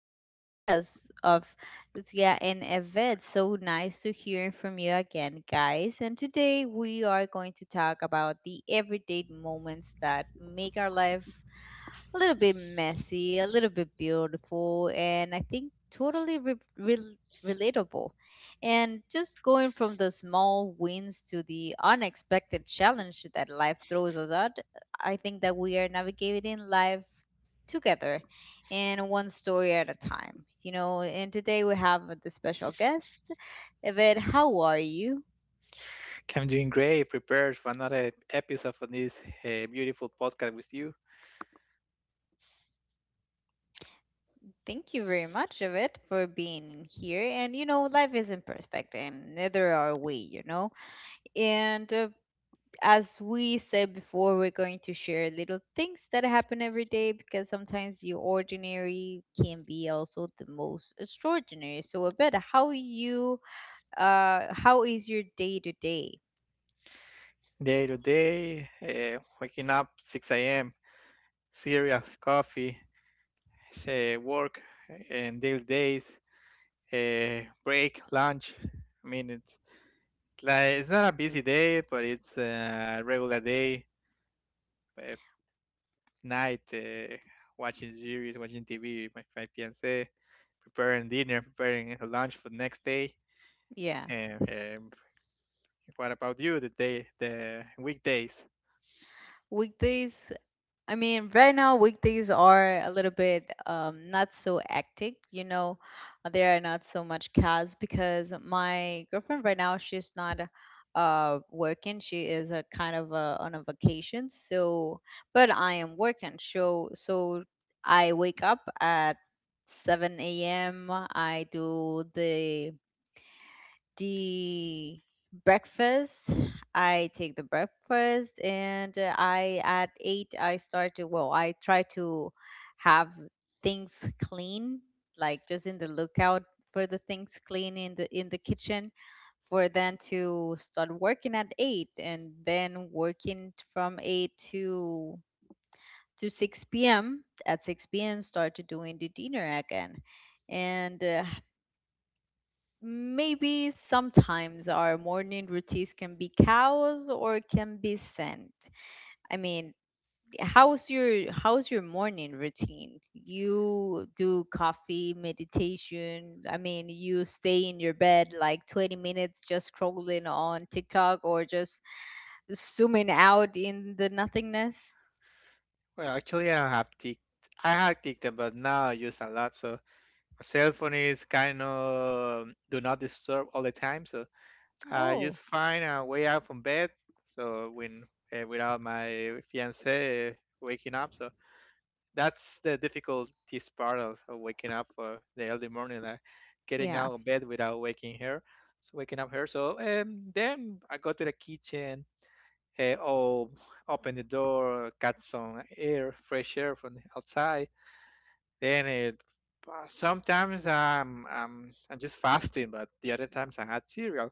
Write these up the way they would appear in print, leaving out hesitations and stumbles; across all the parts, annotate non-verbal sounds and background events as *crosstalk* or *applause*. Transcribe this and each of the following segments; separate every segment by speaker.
Speaker 1: our podcast of Zia and Eved. So nice to hear from you again, guys. And today we are going to talk about the everyday moments that make our life a little bit messy, a little bit beautiful, and I think totally relatable. And just going from the small wins to the unexpected challenge that life throws us at, I think that we are navigating life together and one story at a time, you know. And today we have the special guest, Yvette. How are you?
Speaker 2: I'm doing great, prepared for another episode of this beautiful podcast with you.
Speaker 1: Thank you very much, Yvette, for being here. And you know, life isn't perfect, and neither are we, you know. And As we said before, we're going to share little things that happen every day because sometimes the ordinary can be also the most extraordinary. So, Abed, how is your day to day?
Speaker 2: Day to day, waking up 6 a.m., cereal, coffee, work, and daily days, break, lunch. I mean, it's like it's not a busy day, but it's a regular day. Uh, Night, watching series, watching TV with my fiance, preparing dinner, preparing lunch for the next day.
Speaker 1: Yeah,
Speaker 2: Yeah. What about you? The day, the weekdays?
Speaker 1: weekdays, I mean, right now weekdays are a little bit not so hectic. You know, there are not so much cars because my girlfriend right now she's not working. She is a kind of on a vacation. But I am working. So I wake up at 7 a.m. I do the breakfast. I take the breakfast, and I at eight I start to, well, I try to have things clean, like just in the lookout for the things clean in the kitchen for then to start working at 8 and then working from 8 to 6 p.m. At 6 p.m. start to doing the dinner again and maybe sometimes our morning routines can be chaos or can be sent. I mean, how's your morning routine? You do coffee, meditation. I mean, you stay in your bed like 20 minutes just scrolling on TikTok or just zooming out in the nothingness.
Speaker 2: Well, actually, I have tick. I have TikTok, but now I use a lot. So my cell phone is kind of do not disturb all the time. So I
Speaker 1: Oh,
Speaker 2: just find a way out from bed. So when without my fiance waking up, so that's the difficultist part of waking up for the early morning, like getting
Speaker 1: yeah.
Speaker 2: out of bed without waking her. So waking up her. So then I go to the kitchen or open the door, cut some air, fresh air from the outside. Then it, sometimes I'm just fasting, but the other times I had cereal,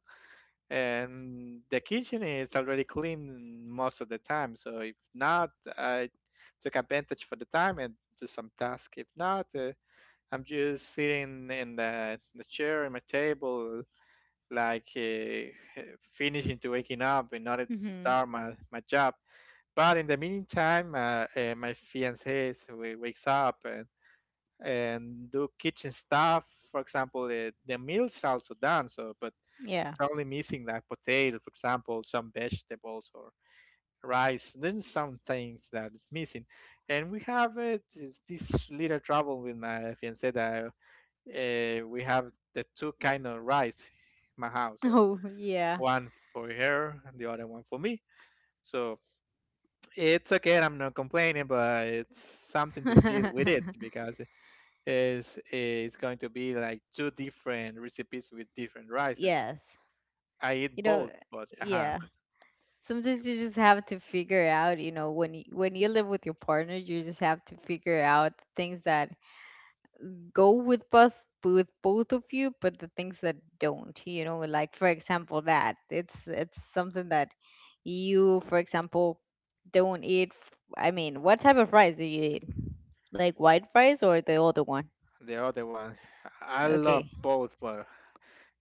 Speaker 2: and the kitchen is already clean most of the time. So if not, I took advantage for the time and do some task. If not, I'm just sitting in the chair in my table, like finishing to waking up in order to
Speaker 1: Mhm.
Speaker 2: start my job. But in the meantime, my fiance wakes up and do kitchen stuff. For example, the meal's also done. So, but
Speaker 1: Yeah.
Speaker 2: it's
Speaker 1: *laughs*
Speaker 2: only missing like potato, for example, some vegetables or rice. Then some things that is missing, and we have this little trouble with my fiance that we have the two kind of rice in my house. So
Speaker 1: Oh, yeah.
Speaker 2: one for her and the other one for me. So it's okay. I'm not complaining, but it's something to deal with it
Speaker 1: *laughs*
Speaker 2: because it's going to be like two different recipes with different rices.
Speaker 1: Yes.
Speaker 2: I eat
Speaker 1: You know,
Speaker 2: both, but
Speaker 1: yeah. Sometimes you just have to figure out, you know, when when you live with your partner, you just have to figure out things that go with both of you, but the things that don't, you know, like for example that it's something that you, for example, don't eat. I mean, what type of fries do you eat? Like white fries or the other one?
Speaker 2: the other one, I love
Speaker 1: Okay,
Speaker 2: both, but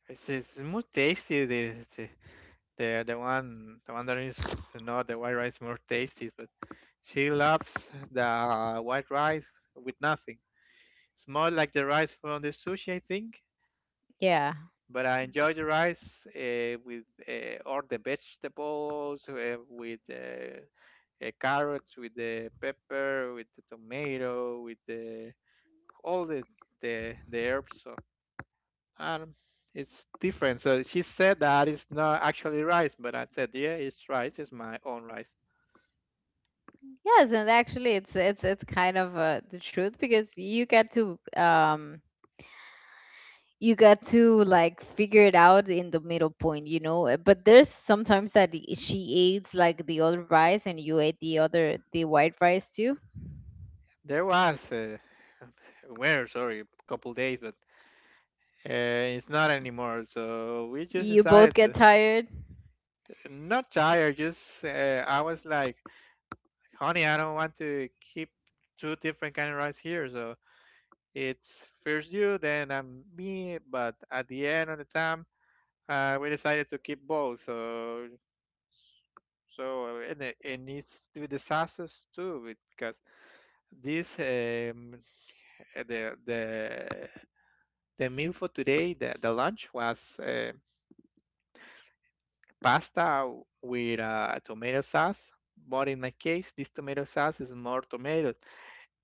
Speaker 2: it's more tasty. The one that is not the white rice more tasty, but she loves the white rice with nothing. It's more like the rice from the sushi, I think
Speaker 1: yeah.
Speaker 2: but I enjoy the rice with all the vegetables, with carrots, with the pepper, with the tomato, with the all the herbs. So um, it's different. So she said that it's not actually rice, but I said, yeah, it's rice. It's my own rice.
Speaker 1: Yes, and actually, it's kind of the truth because you get to you got to like figure it out in the middle point, you know. But there's sometimes that she eats like the other rice and you ate the other the white rice too.
Speaker 2: There was *laughs* where sorry, a couple days, but it's not anymore. So we just
Speaker 1: You both
Speaker 2: decided
Speaker 1: get
Speaker 2: to
Speaker 1: tired.
Speaker 2: not tired. Just I was like, honey, I don't want to keep two different kind of rice here. So it's first you, then I'm me. But at the end of the time, we decided to keep both. So so and it, and it's with the sauces too, with- because this the meal for today, the lunch was. Pasta with tomato sauce. But in my case, this tomato sauce is more tomatoes.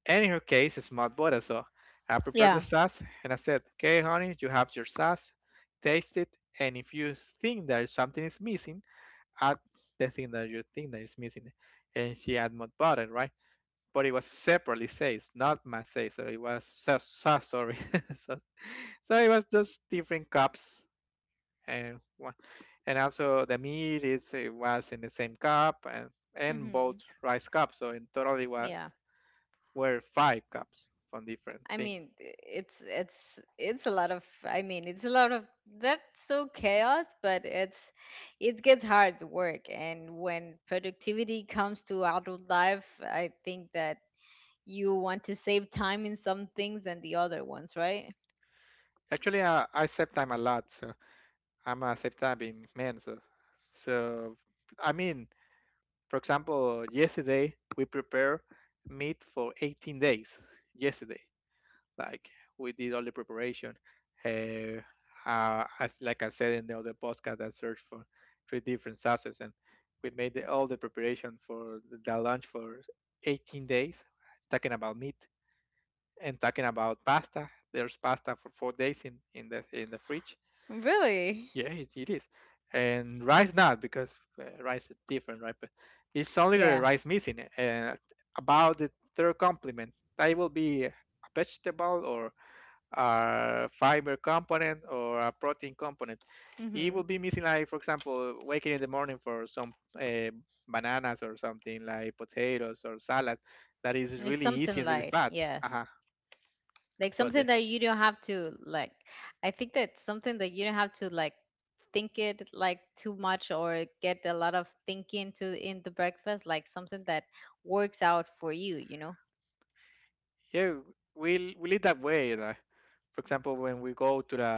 Speaker 2: And in her case, it's more butter. So I prepared the
Speaker 1: Yeah.
Speaker 2: sauce and I said, okay, honey, you have your sauce. Taste it. And if you think that something is missing, add the thing that you think that is missing. And she add more butter, right? But it was separately says, not my say. So it was sauce, sorry. *laughs* so, so it was just different cups and wa- and also the meat is it was in the same cup and both
Speaker 1: Hmm.
Speaker 2: rice cups so in total it
Speaker 1: Yeah.
Speaker 2: was were five cups from different
Speaker 1: I mean,
Speaker 2: things
Speaker 1: it's a lot of, I mean, it's a lot of, that's so chaos, but it's it gets hard work, and when productivity comes to adult life, I think that you want to save time in some things and the other ones, right?
Speaker 2: actually I save time a lot so I'm a vegetarian man, so so I mean, for example, yesterday we prepared meat for 18 days. Yesterday, like we did all the preparation. Uh, as like I said in the other podcast, I searched for three different sauces, and we made the, all the preparation for the lunch for 18 days, talking about meat and talking about pasta. There's pasta for 4 days in the fridge
Speaker 1: Really?
Speaker 2: yeah, it is. And rice not because rice is different, right? But it's only the
Speaker 1: Yeah.
Speaker 2: rice missing. About the third complement, that will be a vegetable or a fiber component or a protein component. It
Speaker 1: Mm-hmm.
Speaker 2: will be missing, like for example, waking in the morning for some uh, bananas or something like potatoes or salad. That is
Speaker 1: Like
Speaker 2: really
Speaker 1: something
Speaker 2: easy and really
Speaker 1: light,
Speaker 2: fast.
Speaker 1: yes.
Speaker 2: Uh-huh.
Speaker 1: Like
Speaker 2: But
Speaker 1: something
Speaker 2: the
Speaker 1: that you don't have to like. I think that something that you don't have to like think it like too much or get a lot of thinking to in the breakfast. Like something that works out for you, you know?
Speaker 2: Yeah, we live that way. Like, for example, when we go to the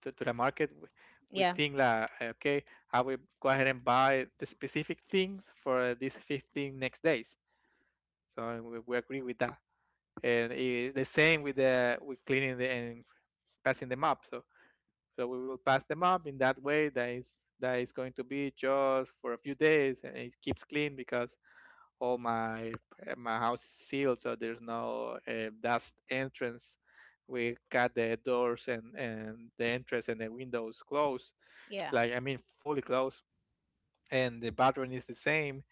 Speaker 2: to the market, we
Speaker 1: Yeah,
Speaker 2: think like, okay, I will go ahead and buy the specific things for these 15 next days. So we agree with that, and I the same with the with cleaning the and passing the map. So so we will pass the map in that way. That is going to be just for a few days, and it keeps clean because all my my house is sealed, so there's no dust entrance. We got the doors and the entrance and the windows closed,
Speaker 1: yeah,
Speaker 2: like I mean fully closed. And the bathroom is the same.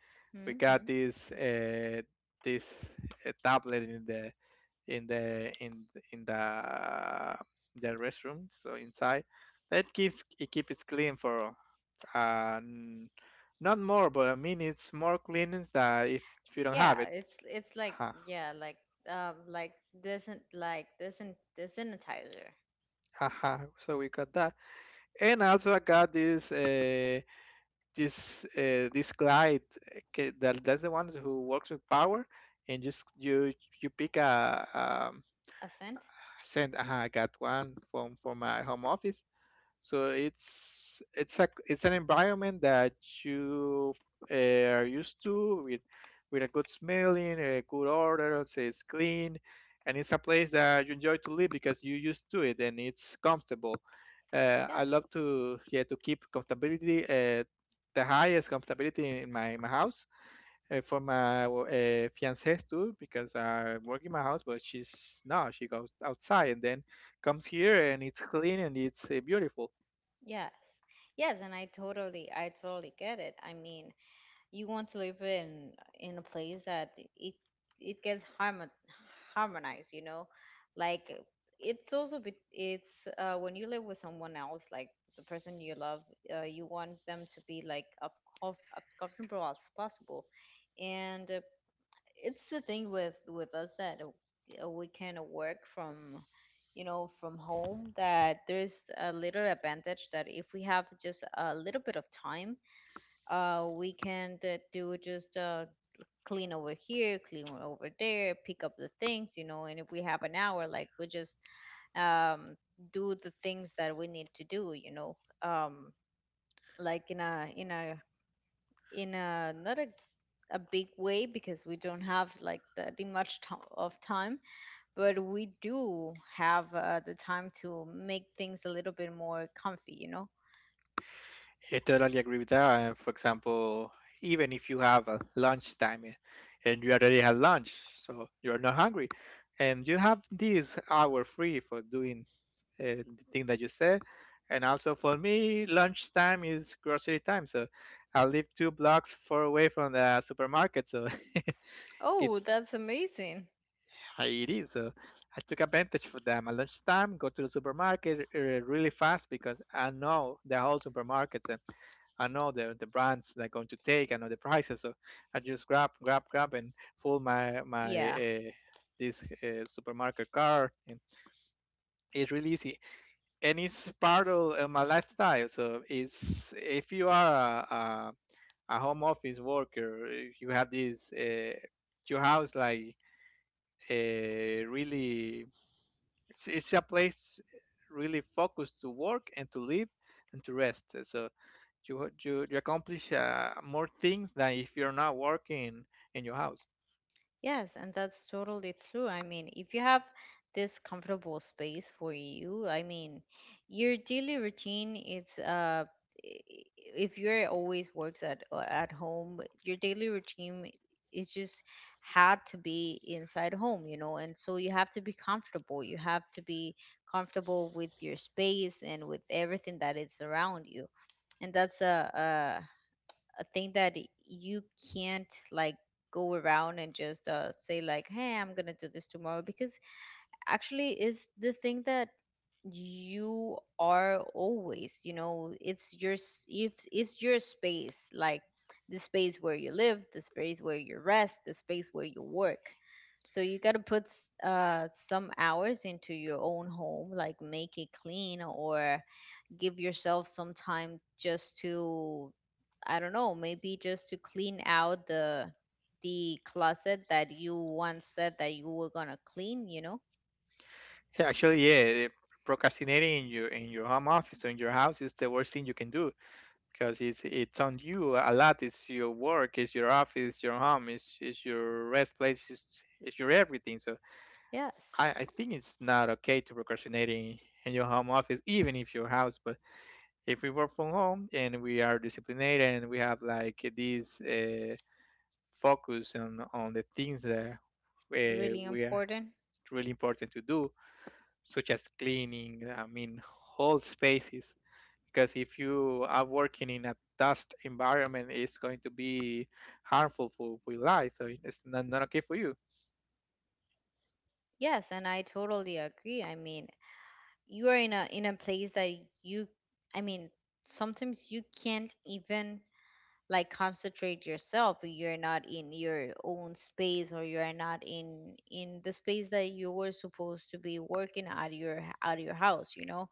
Speaker 2: We
Speaker 1: mm-hmm.
Speaker 2: got this this tablet in the in the in the the restroom, so inside. That keeps it clean for uh, n- not more, but I mean it's more cleanliness than if you don't have
Speaker 1: Yeah.
Speaker 2: it.
Speaker 1: It's like,
Speaker 2: Uh-huh.
Speaker 1: yeah, like doesn't like, doesn't the sanitizer,
Speaker 2: Haha, so we got that, and also I got this this this glide that that's the one who works with power, and just you you pick a um,
Speaker 1: a scent?
Speaker 2: send. I got one from my home office, so it's an environment that you uh, are used to with a good smelling, a good order, say it's clean, and it's a place that you enjoy to live because you used to it and it's comfortable. I
Speaker 1: Yes.
Speaker 2: love to yeah to keep comfortability the highest comfortability in my house for my fiancée too because I work in my house but she's no she goes outside and then comes here and it's clean and it's beautiful.
Speaker 1: Yes. Yes, and I totally, I totally get it. I mean, you want to live in a place that it it gets harmonized, you know? Like it's also it's when you live with someone else, like the person you love, you want them to be like of as comfortable as possible. And it's the thing with us that we can work from, you know, from home, that there's a little advantage that if we have just a little bit of time, we can, do just, uh, clean over here, clean over there, pick up the things, you know, and if we have an hour, like we just, um do the things that we need to do, you know, um like in a in a, not a, a big way, because we don't have like the much of time, but we do have the time to make things a little bit more comfy, you know.
Speaker 2: I totally agree with that. And for example, even if you have a lunch time eh, and you already had lunch, so you're not hungry, and you have this hour free for doing the thing that you said. And also for me, lunch time is grocery time. So I live two blocks far away from the supermarket. So *laughs*
Speaker 1: Oh,
Speaker 2: it's
Speaker 1: that's amazing.
Speaker 2: how it is. So I took advantage for them. At lunchtime, go to the supermarket really fast because I know the whole supermarket. Eh, I know the brands they're going to take. I know the prices, so I just grab, grab, grab, and fill my
Speaker 1: Yeah.
Speaker 2: this supermarket card. And it's really easy, and it's part of my lifestyle. So it's if you are a home office worker, if you have this your house like uh, really it's a place really focused to work and to live and to rest. So you accomplish more things than if you're not working in your house.
Speaker 1: Yes, and that's totally true. I mean, if you have this comfortable space for you, I mean, your daily routine, it's i- if you're always works at home, your daily routine is just had to be inside home, you know, and so you have to be comfortable. You have to be comfortable with your space and with everything that is around you, and that's a thing that you can't like go around and just, say like, hey, I'm gonna do this tomorrow, because actually is the thing that you are always, you know, it's your if it's your space, like the space where you live, the space where you rest, the space where you work, so you got to put some hours into your own home, like make it clean, or give yourself some time just to, I don't know, maybe just to clean out the closet that you once said that you were gonna clean, you know?
Speaker 2: Yeah, actually, yeah, eh, procrastinating in your home office or in your house is the worst thing you can do because it's on you a lot. It's your work, it's your office, your home, it's your rest place, it's your everything. So
Speaker 1: Yes.
Speaker 2: I think it's not okay to procrastinate in your home office, even if your house, but if we work from home and we are disciplined and we have like this focus on the things that
Speaker 1: Really
Speaker 2: we are
Speaker 1: important.
Speaker 2: really important to do, such as cleaning, I mean, whole spaces. Because if you are working in a dust environment, it's going to be harmful for your life. So it's not, not okay for you.
Speaker 1: Yes, and I totally agree. I mean, you are in a place that you, I mean, sometimes you can't even like concentrate yourself, you're not in your own space, or you're not in in the space that you were supposed to be working out of your house, you know,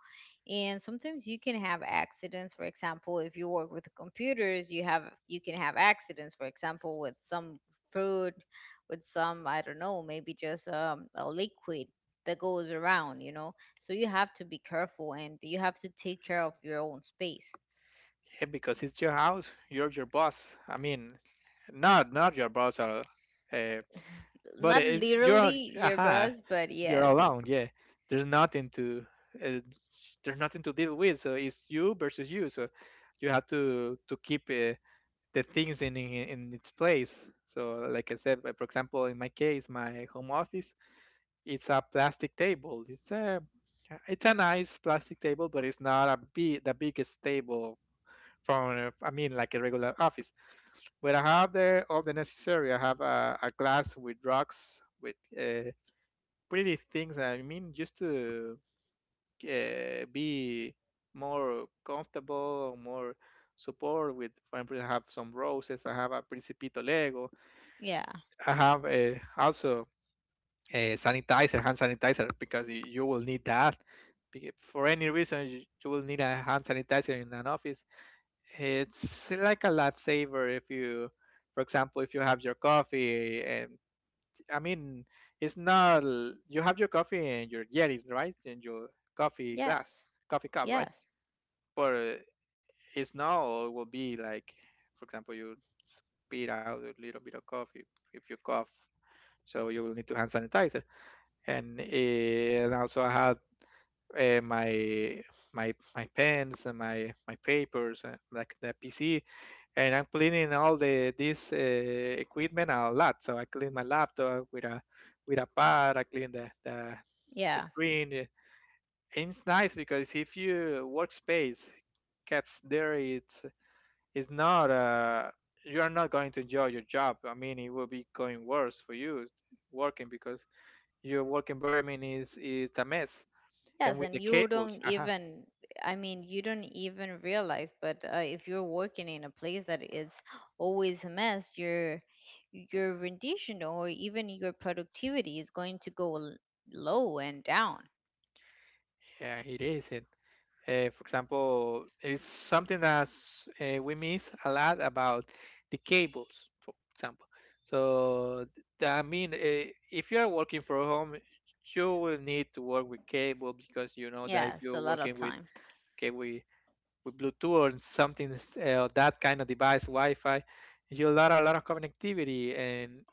Speaker 1: and sometimes you can have accidents, for example, if you work with computers, you have, you can have accidents, for example, with some food, with some, I don't know, maybe just a liquid that goes around, you know, so you have to be careful and you have to take care of your own space.
Speaker 2: Yeah, because it's your house, you're your boss. I mean, not your boss, uh, but
Speaker 1: Not
Speaker 2: if you're on-
Speaker 1: literally your
Speaker 2: aha,
Speaker 1: boss, but
Speaker 2: you're
Speaker 1: yes,
Speaker 2: alone. Yeah, there's nothing to uh, there's nothing to deal with. So it's you versus you. So you have to keep the things in its place. So like I said, for example, in my case, my home office, it's a plastic table. It's a nice plastic table, but it's not a big the biggest table from I mean like a regular office. But I have the all the necessary. I have a glass with rocks with pretty things. I mean, just to be more comfortable, more support with. For example, I have some roses, I have a Principito Lego,
Speaker 1: yeah,
Speaker 2: I have also a sanitizer, hand sanitizer, because you will need that. For any reason, you will need a hand sanitizer in an office. It's like a lifesaver if you, for example, if you have your coffee eh, and I mean, it's not. You have your coffee and your Yetis, right? And your coffee glass,
Speaker 1: yes,
Speaker 2: coffee cup, right?
Speaker 1: yes,
Speaker 2: But it's now will be like, for example, you spit out a little bit of coffee if you cough, so you will need to hand sanitizer. And, and also I had my my pens and my papers like the PC. And I'm cleaning all the this equipment a lot, so I clean my laptop with a pad. I clean the
Speaker 1: yeah,
Speaker 2: screen. And it's nice because if your workspace gets dirty, it's not you are not going to enjoy your job. I mean, it will be going worse for you working because your work environment is a mess. And
Speaker 1: yes,
Speaker 2: with
Speaker 1: and
Speaker 2: the
Speaker 1: you
Speaker 2: cables.
Speaker 1: don't
Speaker 2: *laughs*
Speaker 1: even. I mean, you don't even realize, but if you're working in a place that it's always a mess, your rendition or even your productivity is going to go low and down.
Speaker 2: Yeah, it is. For example, it's something that we miss a lot about the cables, for example. So, if you are working from home, you will need to work with cable. Because you know that if
Speaker 1: Yes, a
Speaker 2: you're
Speaker 1: lot of
Speaker 2: working with
Speaker 1: time.
Speaker 2: cable with Bluetooth or something that kind of device, Wi-Fi, you lot a lot of connectivity. And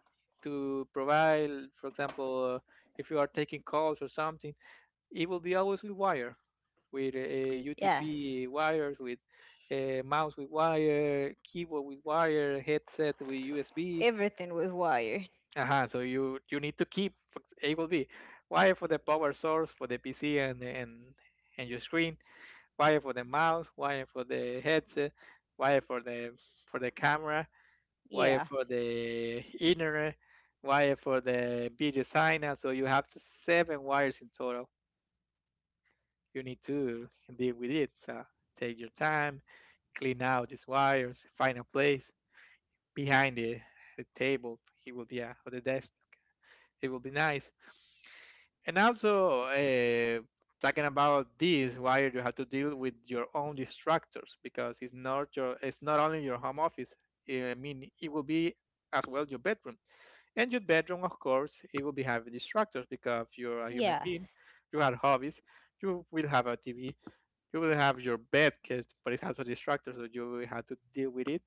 Speaker 2: to provide, for example, if you are taking calls or something, it will be always with wire, with
Speaker 1: Yes,
Speaker 2: UTP wires, with mouse with wire, keyboard with wire, headset with USB.
Speaker 1: everything with wire.
Speaker 2: So you need to keep for it will be wire for the power source for the PC and and your screen, wire for the mouse, wire for the headset, wire for the camera, wire
Speaker 1: Yeah,
Speaker 2: for the internet, wire for the video sign. Out. So you have seven wires in total you need to deal with it. So take your time, clean out these wires, find a place behind the table. It will be or the desk. It will be nice. And also, talking about this, why you have to deal with your own distractors, because it's not your, it's not only your home office. I mean, it will be as well your bedroom. And your bedroom, of course, it will be having distractors because you're a human being,
Speaker 1: yes.
Speaker 2: you have hobbies, you will have a TV, you will have your bed case, but it has a distractor, so you will have to deal with it.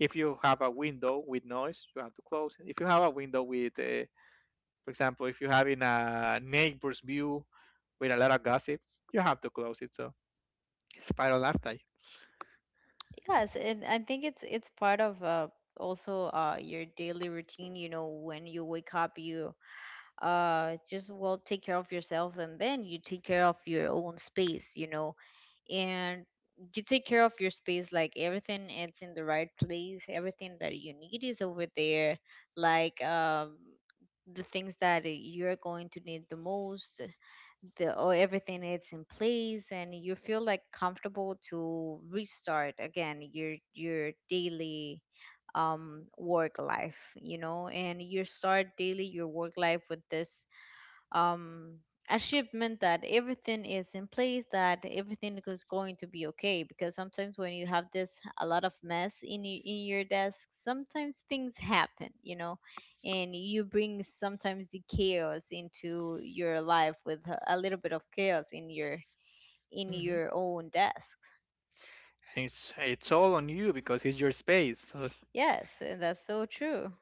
Speaker 2: If you have a window with noise, you have to close it. If you have a window with, for example, if you have in a neighbor's view with a lot of gossip, you have to close it. So it's spiral lifestyle.
Speaker 1: Yes, and I think it's part of, also your daily routine. You know, when you wake up, you, just well take care of yourself, and then you take care of your own space. You know, and you take care of your space, like everything is in the right place, everything that you need is over there, like, the things that you're going to need the most, the or everything is in place, and you feel like comfortable to restart again your daily, work life, you know, and you start daily your work life with this, um, achievement that everything is in place, that everything is going to be okay. Because sometimes when you have this a lot of mess in in your desk, sometimes things happen, you know, and you bring sometimes the chaos into your life with a little bit of chaos in
Speaker 2: Hmm.
Speaker 1: your own desk.
Speaker 2: And it's all on you because it's your space. So,
Speaker 1: Yes, and that's so true.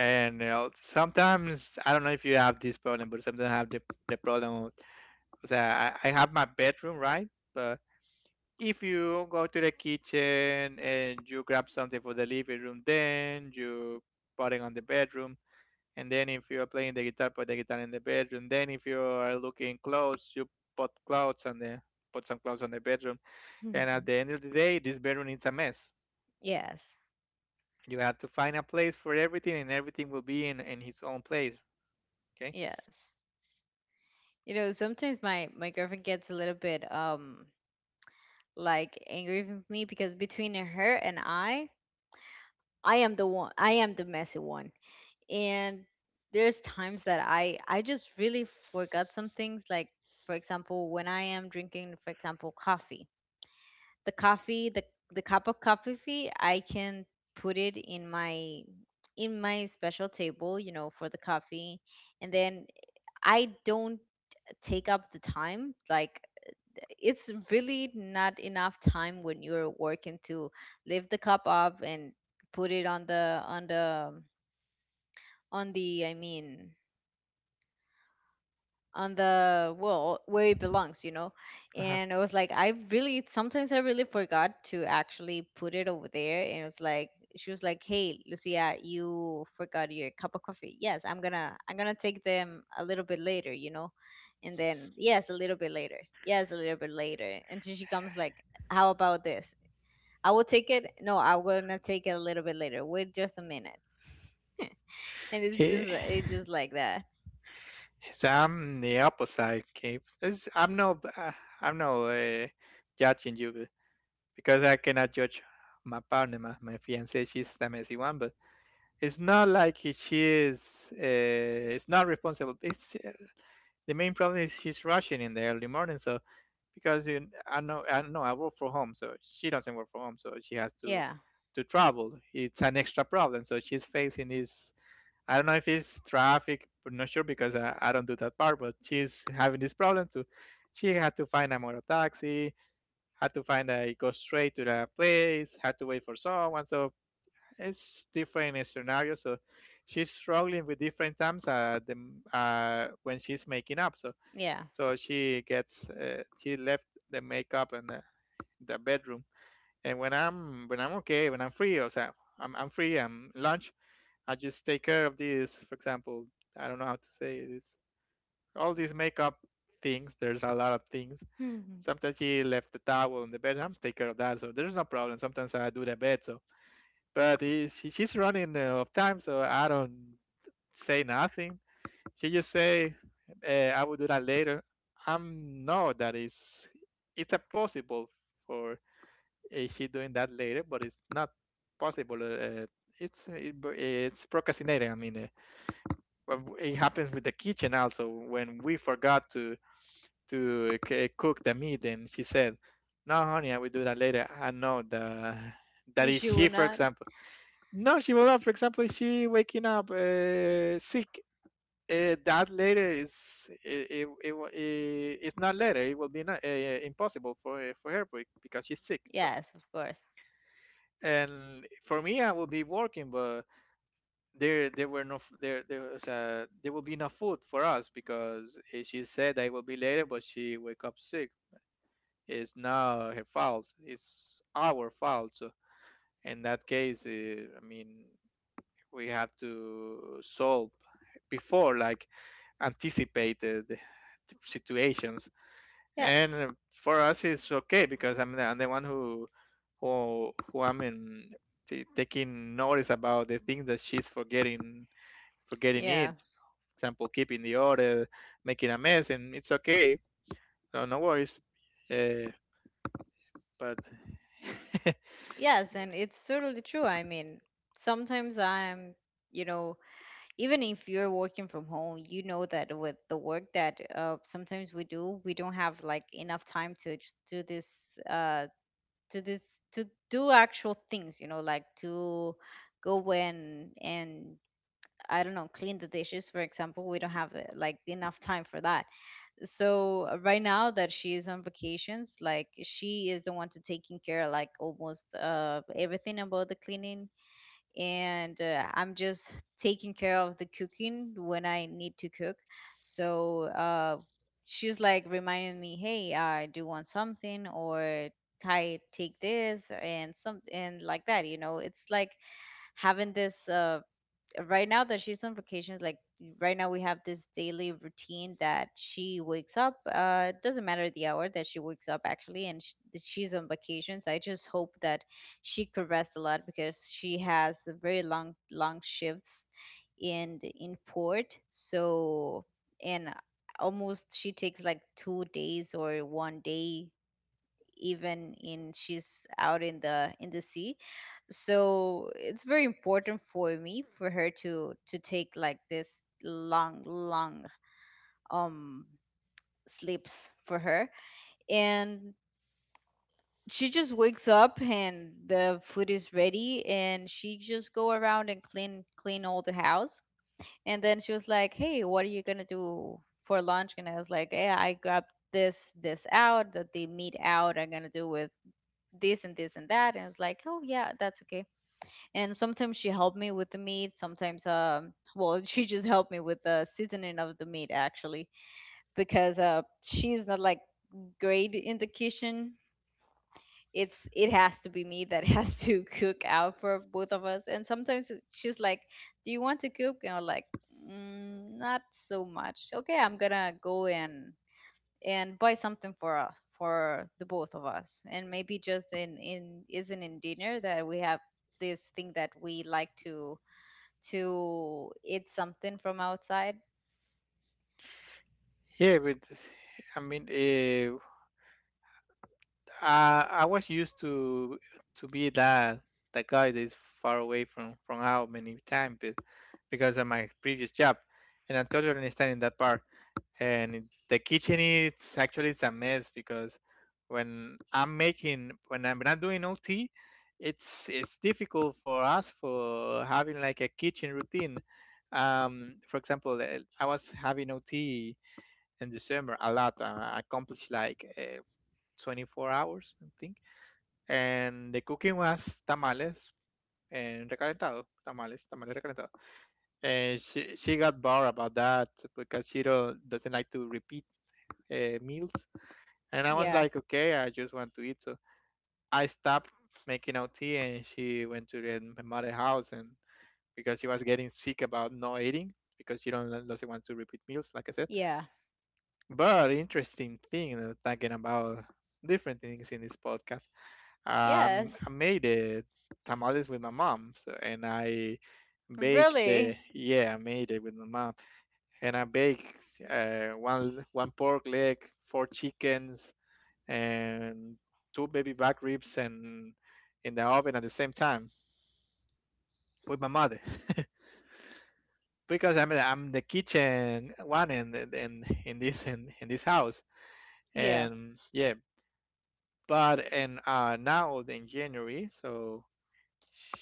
Speaker 2: and you know, sometimes I don't know if you have this problem, but sometimes I have the problem that I have my bedroom, right? But if you go to the kitchen and you grab something for the living room, then you put it on the bedroom. And then if you are playing the guitar, put the guitar in the bedroom. Then if you are looking clothes, you put clothes on the put some clothes on the bedroom. And at the end
Speaker 1: *laughs*
Speaker 2: of the day, this bedroom is a mess.
Speaker 1: Yes,
Speaker 2: You have to find a place for everything, and everything will be in his own place. Okay.
Speaker 1: yes. You know, sometimes my my girlfriend gets a little bit, like angry with me, because between her and I am the one, I am the messy one. And there's times that I just really forgot some things. Like for example, when I am drinking, for example, coffee, the coffee, the cup of coffee, I can put it in my special table, you know, for the coffee, and then I don't take up the time, like it's really not enough time when you're working to lift the cup up and put it on the I mean on the, well, where it belongs, you know. And I was like, I really, sometimes I really forgot to actually put it over there, and it was like, she was like, hey, Lucia, you forgot your cup of coffee. Yes, I'm gonna, I'm gonna take them a little bit later, you know. And then, yes, a little bit later, yes, a little bit later, until she comes like, how about this? I will take it. No, I'm gonna take it a little bit later. Wait, just a minute. *laughs* And it's just,
Speaker 2: Okay,
Speaker 1: it's just like that.
Speaker 2: so I'm the opposite. Okay, It's- I'm no, uh, I'm no judging you because I cannot judge my partner, my fiance. She's the messy one, but it's not like she is. It's not responsible. It's the main problem is she's rushing in the early morning. So because you, I know, I know, I work from home, so she doesn't work from home, so she has
Speaker 1: Yeah,
Speaker 2: to travel. It's an extra problem. So she's facing this. I don't know if it's traffic, but not sure because I don't do that part. But she's having this problem too. She had to find a motor taxi, had to find a go straight to the place, had to wait for someone. So it's different scenarios. So she's struggling with different times when she's making up. So
Speaker 1: yeah.
Speaker 2: so she gets she left the makeup in the bedroom. And when I'm okay, when I'm free, or so I'm free, I'm lunch. I just take care of these. For example, I don't know how to say this. All these makeup things. There's a lot of things.
Speaker 1: *laughs*
Speaker 2: Sometimes he left the towel on the bed. I'm take care of that, so there's no problem. Sometimes I do the bed. So, but he, she, she's running of time, so I don't say nothing. She just say, "I will do that later." I'm know that is it's a possible for she doing that later, but it's not possible. It's it's procrastinating. I mean, well, it happens with the kitchen also when we forgot to cook the meat. And she said, no, honey, I will do that later. I know the that is
Speaker 1: She
Speaker 2: she
Speaker 1: would
Speaker 2: for
Speaker 1: not.
Speaker 2: example no, she will not. For example, she waking up sick. That later is it's not later. It will be not, impossible for her because she's sick. So,
Speaker 1: Yes, of course.
Speaker 2: and for me, I will be working. But there were no there was there will be no food for us because she said I will be later, but she wake up sick. It's now her fault. It's our fault. So in that case, I mean, we have to solve before like anticipated situations. And
Speaker 1: Yes.
Speaker 2: for us, it's okay because I'm the one who I'm in taking notice about the things that she's forgetting forgetting
Speaker 1: Yeah.
Speaker 2: it example, keeping the order, making a mess. And it's okay. No, no worries. Uh, but *laughs*
Speaker 1: Yes, and it's totally true. I mean, sometimes you know, even if you're working from home, you know that with the work that sometimes we do, we don't have like enough time do to this, to do actual things, you know, like to go and I don't know, clean the dishes, for example. We don't have like enough time for that. So right now that she is on vacations, like she is the one to taking care of like almost everything about the cleaning, and I'm just taking care of the cooking when I need to cook. So she's like reminding me, hey, I do want something, or I take this and some and like that, you know. It's like having this. Right now that she's on vacation, like right now we have this daily routine that she wakes up. It doesn't matter the hour that she wakes up actually, and that she's on vacation. So I just hope that she could rest a lot because she has a very long, long shifts in port. So, and almost she takes like 2 days or 1 day, even in she's out in the sea. So it's very important for me for her to take like this long, long um sleeps for her. And she just wakes up and the food is ready, and she just go around and clean all the house. And then she was like, hey, what are you gonna do for lunch? And I was like, yeah, I grabbed this this out that the meat out, I'm gonna do with this and this and that. And I was like, oh yeah, that's okay. And sometimes she helped me with the meat. Sometimes, um, *laughs* she just helped me with the seasoning of the meat actually, because she's not like great in the kitchen. It has to be me that *laughs* has to cook out for both of us. And sometimes she's like, do you want to cook? And I'm like, mm, not so much. Okay, I'm gonna go and buy something for us, for the both of us. And maybe just in isn't in dinner that we have this thing that we like to eat something from outside.
Speaker 2: yeah, but I mean, I was used to be that guy that is far away from how many times, but because of my previous job, and I totally understand in that part. And the kitchen is actually it's a mess because when I'm not doing OT, it's difficult for us for having like a kitchen routine. For example, I was having OT in December a lot. I accomplished like 24 hours, I think. And the cooking was tamales and recalentado, tamales, tamales recalentado. And she got bored about that because she don't, doesn't like to repeat meals. And I was
Speaker 1: Yeah.
Speaker 2: like, okay, I just want to eat. So I stopped making out tea. And she went to the mother house. And because she was getting sick about not eating, because she don't doesn't want to repeat meals, like I said.
Speaker 1: Yeah.
Speaker 2: But interesting thing thinking about different things in this podcast.
Speaker 1: Yes,
Speaker 2: I made tamales with my mom, so. And I bake the
Speaker 1: really.
Speaker 2: yeah, I made it with my mom. And I bake one pork leg, four chickens, and two baby back ribs, and in the oven at the same time with my mother. *laughs* Because I'm the kitchen one in in this house.
Speaker 1: Yeah.
Speaker 2: And yeah, but and now in January, so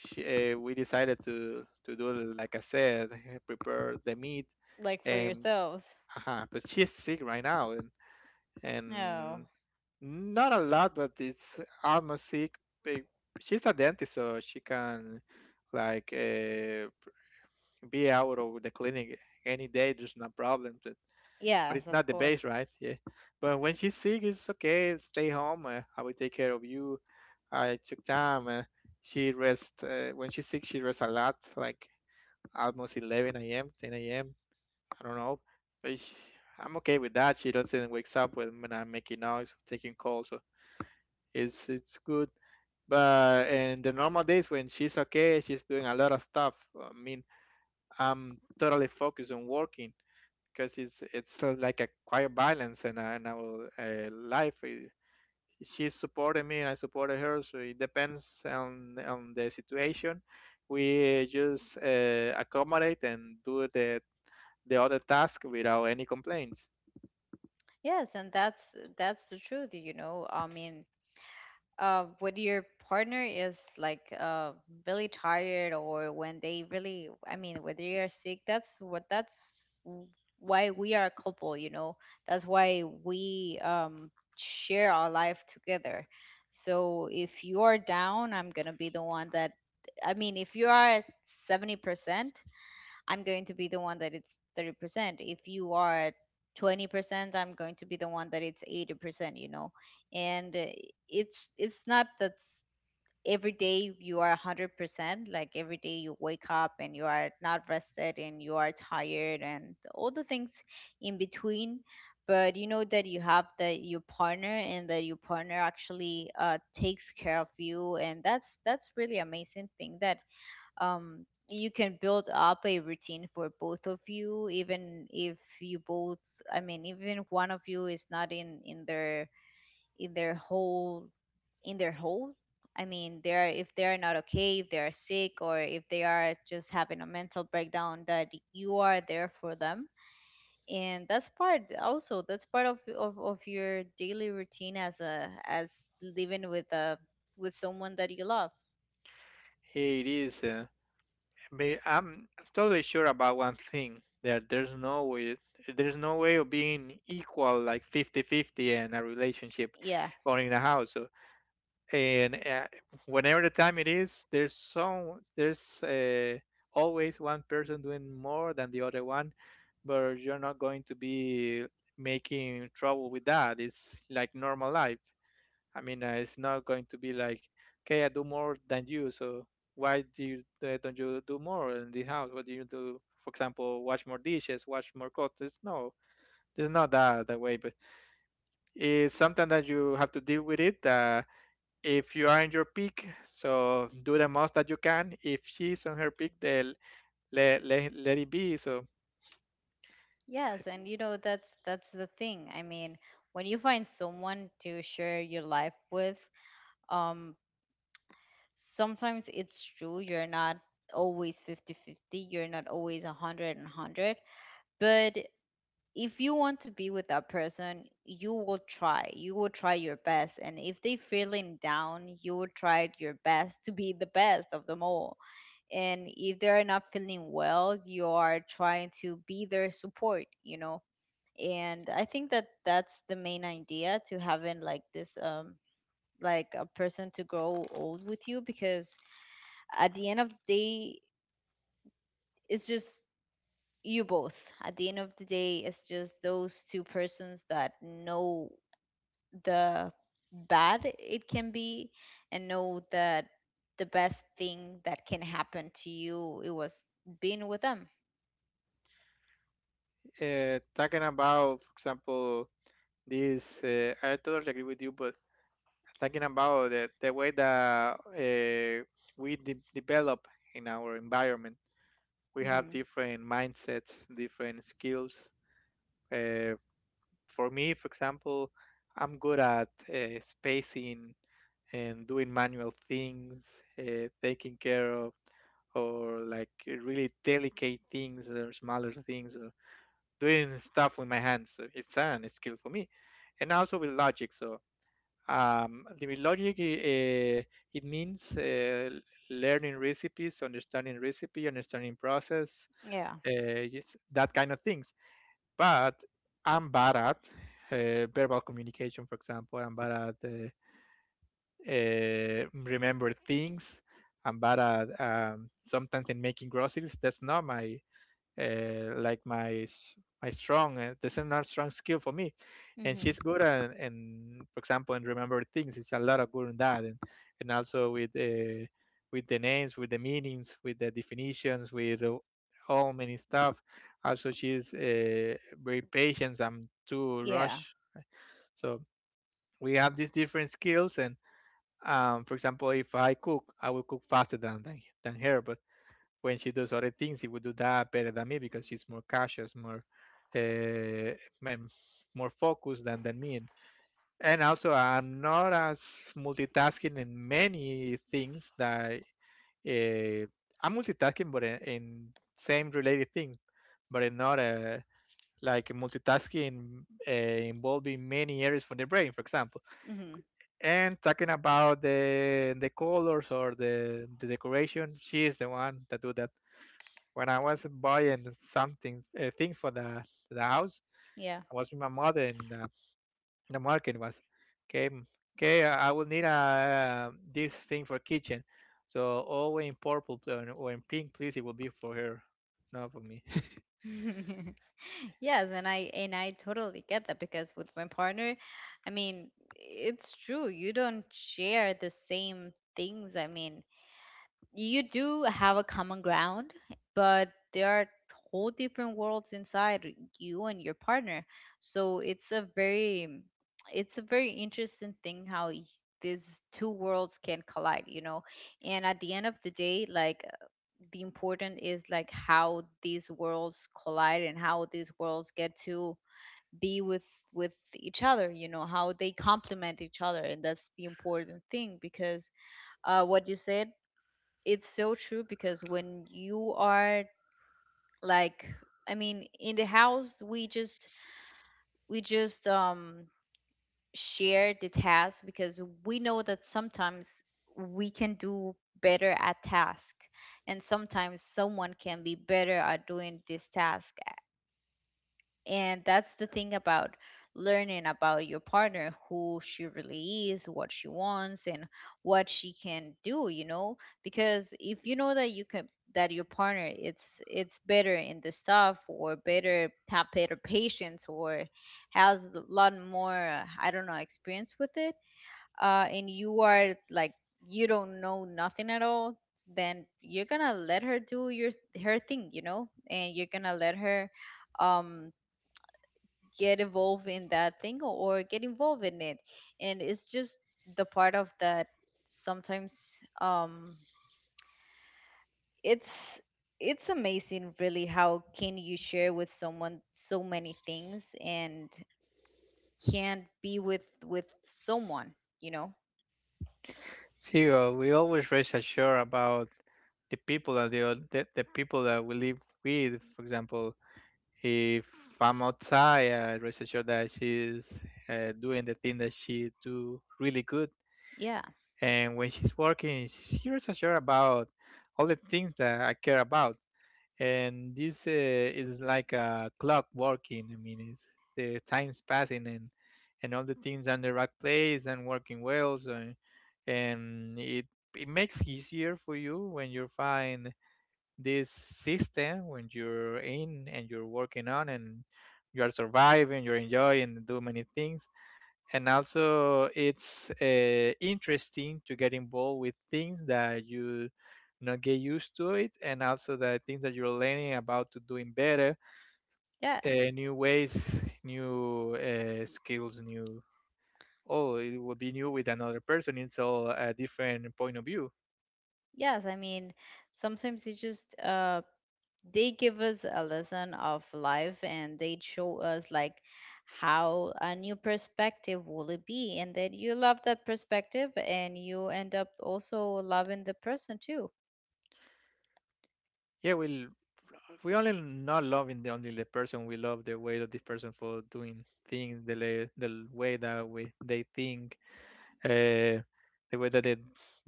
Speaker 2: we decided to do, like I said, prepare the meat.
Speaker 1: Like for
Speaker 2: And
Speaker 1: yourselves.
Speaker 2: but she's sick right now. And
Speaker 1: No.
Speaker 2: Not a lot, but it's almost sick. Big- She's a dentist, so she can like be out of the clinic any day. There's no problem. But
Speaker 1: Yes,
Speaker 2: it's
Speaker 1: of
Speaker 2: not the base,
Speaker 1: course.
Speaker 2: right? Yeah. But when she's sick, it's okay. Stay home. I will take care of you. I took time. She rests when she's sick. She rests a lot, like almost 11 a.m., 10 a.m. I don't know. But she, I'm okay with that. She doesn't wakes up when I'm making noise, taking calls. It's good. But in the normal days when she's okay, she's doing a lot of stuff. I mean, I'm totally focused on working, because it's sort of like a quiet balance in in our life. Eh, she supported me, I supported her. So it depends on the situation. We just accommodate and do the other task without any complaints.
Speaker 1: Yes, and that's the truth, you know. I mean, when your partner is like really tired, or when they really, I mean, whether you are sick, that's what that's w- why we are a couple, you know. That's why we, share our life together. So if you are down, I'm gonna be the one that, I mean, if you are at 70%, I'm going to be the one that it's 30%. If you are 20%, I'm going to be the one that it's 80%, you know. And it's not every day you are 100%, like every day you wake up and you are not rested and you are tired and all the things in between. But you know that you have that your partner, and that your partner actually takes care of you, and that's really amazing thing that, you can build up a routine for both of you, even if you both, I mean, even if one of you is not in their, in their whole, in their whole, I mean, they are, if they are not okay, if they are sick, or if they are just having a mental breakdown, that you are there for them. And that's part also, that's part of your daily routine, as a, as living with a, with someone that you love.
Speaker 2: It is. But I'm totally sure about one thing, that there's no way of being equal like 50-50 in a relationship
Speaker 1: Yeah.
Speaker 2: or in a house. So and whenever the time it is, there's always one person doing more than the other one, but you're not going to be making trouble with that. It's like normal life. I mean, it's not going to be like, okay, I do more than you, so why do you don't you do more in the house? What do you do? For example, wash more dishes, wash more clothes? No, there's not that way, but it's something that you have to deal with, it that if you are in your peak, so do the most that you can. If she's on her peak, then let it be. So
Speaker 1: Yes, and you know, that's the thing. I mean, when you find someone to share your life with, um sometimes it's true, you're not always 50-50, you're not always 100 and 100, but if you want to be with that person, you will try. You will try your best, and if they feeling down, you will try your best to be the best of them all. And if they're not feeling well, you are trying to be their support, you know. And I think that that's the main idea to having like this, like a person to grow old with you. Because at the end of the day, it's just you both, at the end of the day it's just those two persons that know the bad it can be, and know that the best thing that can happen to you, it was being with them.
Speaker 2: talking about, for example, this, I totally agree with you, but talking about the way that develop in our environment. We have
Speaker 1: Hmm.
Speaker 2: different mindsets, different skills. Uh, for me, for example, I'm good at spacing and doing manual things, taking care of or like really delicate things or smaller things or doing stuff with my hands. So it's an skill for me, and also with logic. So with logic, it means learning recipes, understanding recipe, understanding process,
Speaker 1: Yeah.
Speaker 2: yes, that kind of things. But I'm bad at verbal communication, for example. I'm bad at remember things. I'm bad at sometimes in making groceries. That's not my like my strong the seminar strong skill for me. And
Speaker 1: Hmm.
Speaker 2: she's good, and for example, and remember things, it's a lot of good in that, and also with the names, with the meanings, with the definitions, with all many stuff. Also she's very patient, I'm too
Speaker 1: Yeah.
Speaker 2: rush. So we have these different skills, and for example, if I cook I will cook faster than her, but when she does other things, she would do that better than me because she's more cautious, uh, more focused than me. And also, I'm not as multitasking in many things that uh, I'm multitasking, but in same related things, but in not a like multitasking involving many areas for the brain, for example.
Speaker 1: Hmm.
Speaker 2: And talking about the colors or the decoration, she is the one that do that. When I was buying something, a thing for the house,
Speaker 1: Yeah.
Speaker 2: I was with my mother, and the market was, okay, okay, I will need this thing for kitchen. So all in purple pl- or in pink, please. It will be for her, not for me. *laughs*
Speaker 1: *laughs* Yes, and I, totally get that because with my partner, I mean, it's true. You don't share the same things. I mean, you do have a common ground, but there are whole different worlds inside you and your partner. So it's a very, it's a very interesting thing how these two worlds can collide, you know. And at the end of the day, like, the important is like how these worlds collide and how these worlds get to be with each other, you know, how they complement each other. And that's the important thing because, what you said, it's so true. Because when you are like, I mean, in the house we just, we just share the task, because we know that sometimes we can do better at task, and sometimes someone can be better at doing this task. And that's the thing about learning about your partner, who she really is, what she wants, and what she can do, you know? Because if you know that you can, that your partner, it's better in the stuff, or better have better patience, or has a lot more, I don't know, experience with it, and you are like, you don't know nothing at all, then you're gonna let her do your her thing, you know, and you're gonna let her, um get involved in that thing, or get involved in it. And it's just the part of that sometimes, it's it's amazing really, how can you share with someone so many things, and can be with someone, you know.
Speaker 2: See, we always rest assured about the people that the people that we live with. For example, if I'm outside, I rest assured that she's doing the thing that she do really good.
Speaker 1: Yeah.
Speaker 2: And when she's working, she rest assured about all the things that I care about. And this is like a clock working. I mean, it's, the time's passing and all the things on the right place and working well. So, and it makes easier for you when you find this system when you're in and you're working on, and you are surviving, you're enjoying do many things. And also it's interesting to get involved with things that you not get used to it, and also the things that you're learning about to doing better.
Speaker 1: Yes.
Speaker 2: New ways, new skills, new, oh, it will be new with another person. It's all a different point of view.
Speaker 1: Yes, I mean, sometimes it's just they give us a lesson of life, and they show us like how a new perspective will it be, and then you love that perspective, and you end up also loving the person too.
Speaker 2: Yeah, well, we only not loving the only the person, we love the way of this person for doing things, the way that we they think. uh the way that they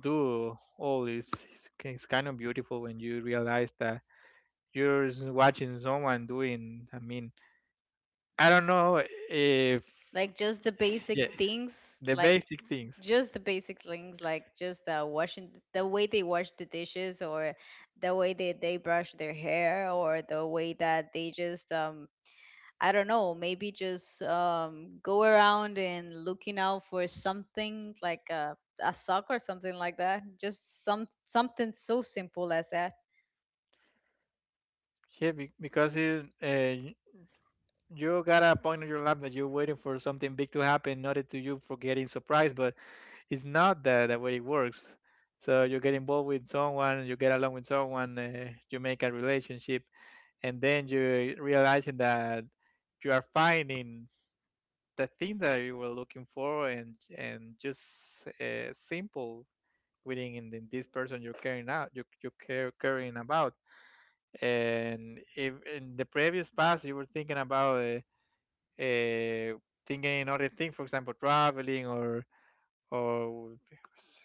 Speaker 2: do all is kind of beautiful when you realize that watching someone doing. I mean, I don't know if.
Speaker 1: Like just the basic
Speaker 2: Yeah,
Speaker 1: things.
Speaker 2: the
Speaker 1: Like
Speaker 2: basic things.
Speaker 1: just the basic things, like just the washing, the way they wash the dishes, or the way they brush their hair, or the way that they just, I don't know, maybe just, go around and looking out for something like a sock or something like that. Just something so simple as that.
Speaker 2: Because you got a point in your life that you're waiting for something big to happen, not to you, for getting surprised, but it's not that the way it works. So you get involved with someone, you get along with someone, you make a relationship, and then you realizing that you are finding the thing that you were looking for, and just simple within in this person you're carrying out, you care caring about. And if in the previous past you were thinking about uh, thinking in other thing, for example, traveling or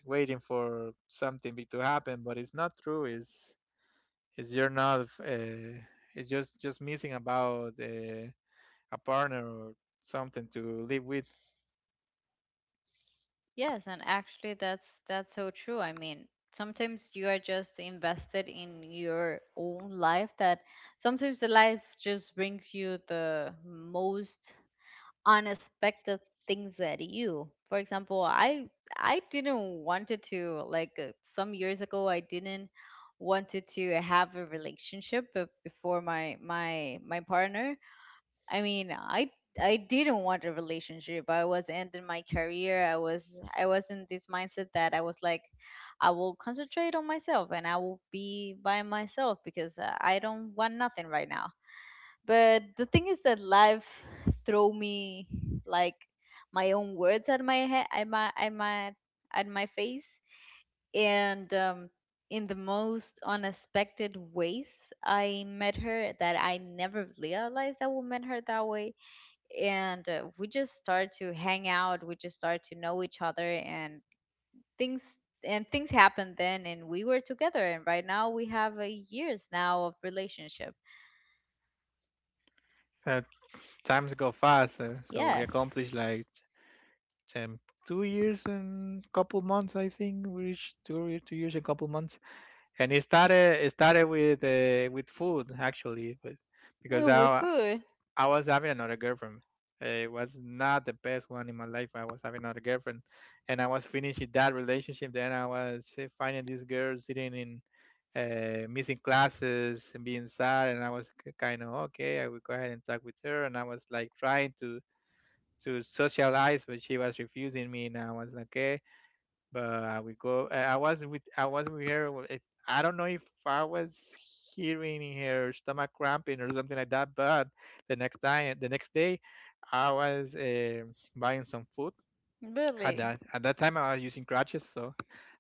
Speaker 2: waiting for something big to happen, but it's not true. It's you're not, it's just missing about a partner or something to live with.
Speaker 1: Yes, and actually that's so true. I mean, sometimes you are just invested in your own life, that sometimes the life just brings you the most unexpected things at you. For example, I didn't wanted to like, some years ago, I didn't wanted to have a relationship before my partner. I mean, I didn't want a relationship. I was ending my career. I was in this mindset that I was like, I will concentrate on myself and I will be by myself because, I don't want nothing right now. But the thing is that life throw me like my own words at my head, at my face. And in the most unexpected ways, I met her, that I never realized that we met her that way. And we just start to hang out, we just start to know each other, and things, and things happened then, and we were together. And right now we have a years now of relationship.
Speaker 2: Uh, Times go faster, so we
Speaker 1: Yes.
Speaker 2: accomplished like um, 2 years and couple months, I think. We reached 2 years and couple months, and it started with food, actually, but because
Speaker 1: Oh, with food.
Speaker 2: I was having another girlfriend. It was not the best one in my life. I was having another girlfriend, and I was finishing that relationship. Then I was finding this girl sitting in missing classes and being sad, and I was kind of okay. I would go ahead and talk with her, and I was like trying to socialize, but she was refusing me, and I was like, okay, but I would go. I was with her. I don't know if I was hearing her stomach cramping or something like that. But the next day, I was buying some food. At
Speaker 1: Really?
Speaker 2: that time, I was using crutches, so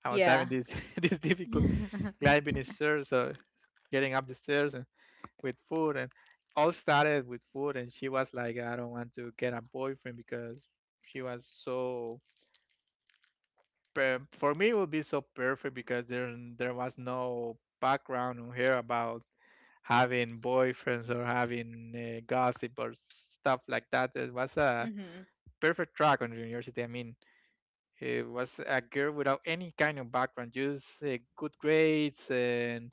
Speaker 2: I was
Speaker 1: Yeah.
Speaker 2: having this *laughs* this difficult
Speaker 1: *laughs*
Speaker 2: climbing the stairs, so getting up the stairs and with food and all started with food. And she was like, "I don't want to get a boyfriend because she was so." For me it would be so perfect because there was no background on here about having boyfriends or having gossip or stuff like that. It was a
Speaker 1: Mm-hmm.
Speaker 2: perfect track on university. I mean, it was a girl without any kind of background, just good grades and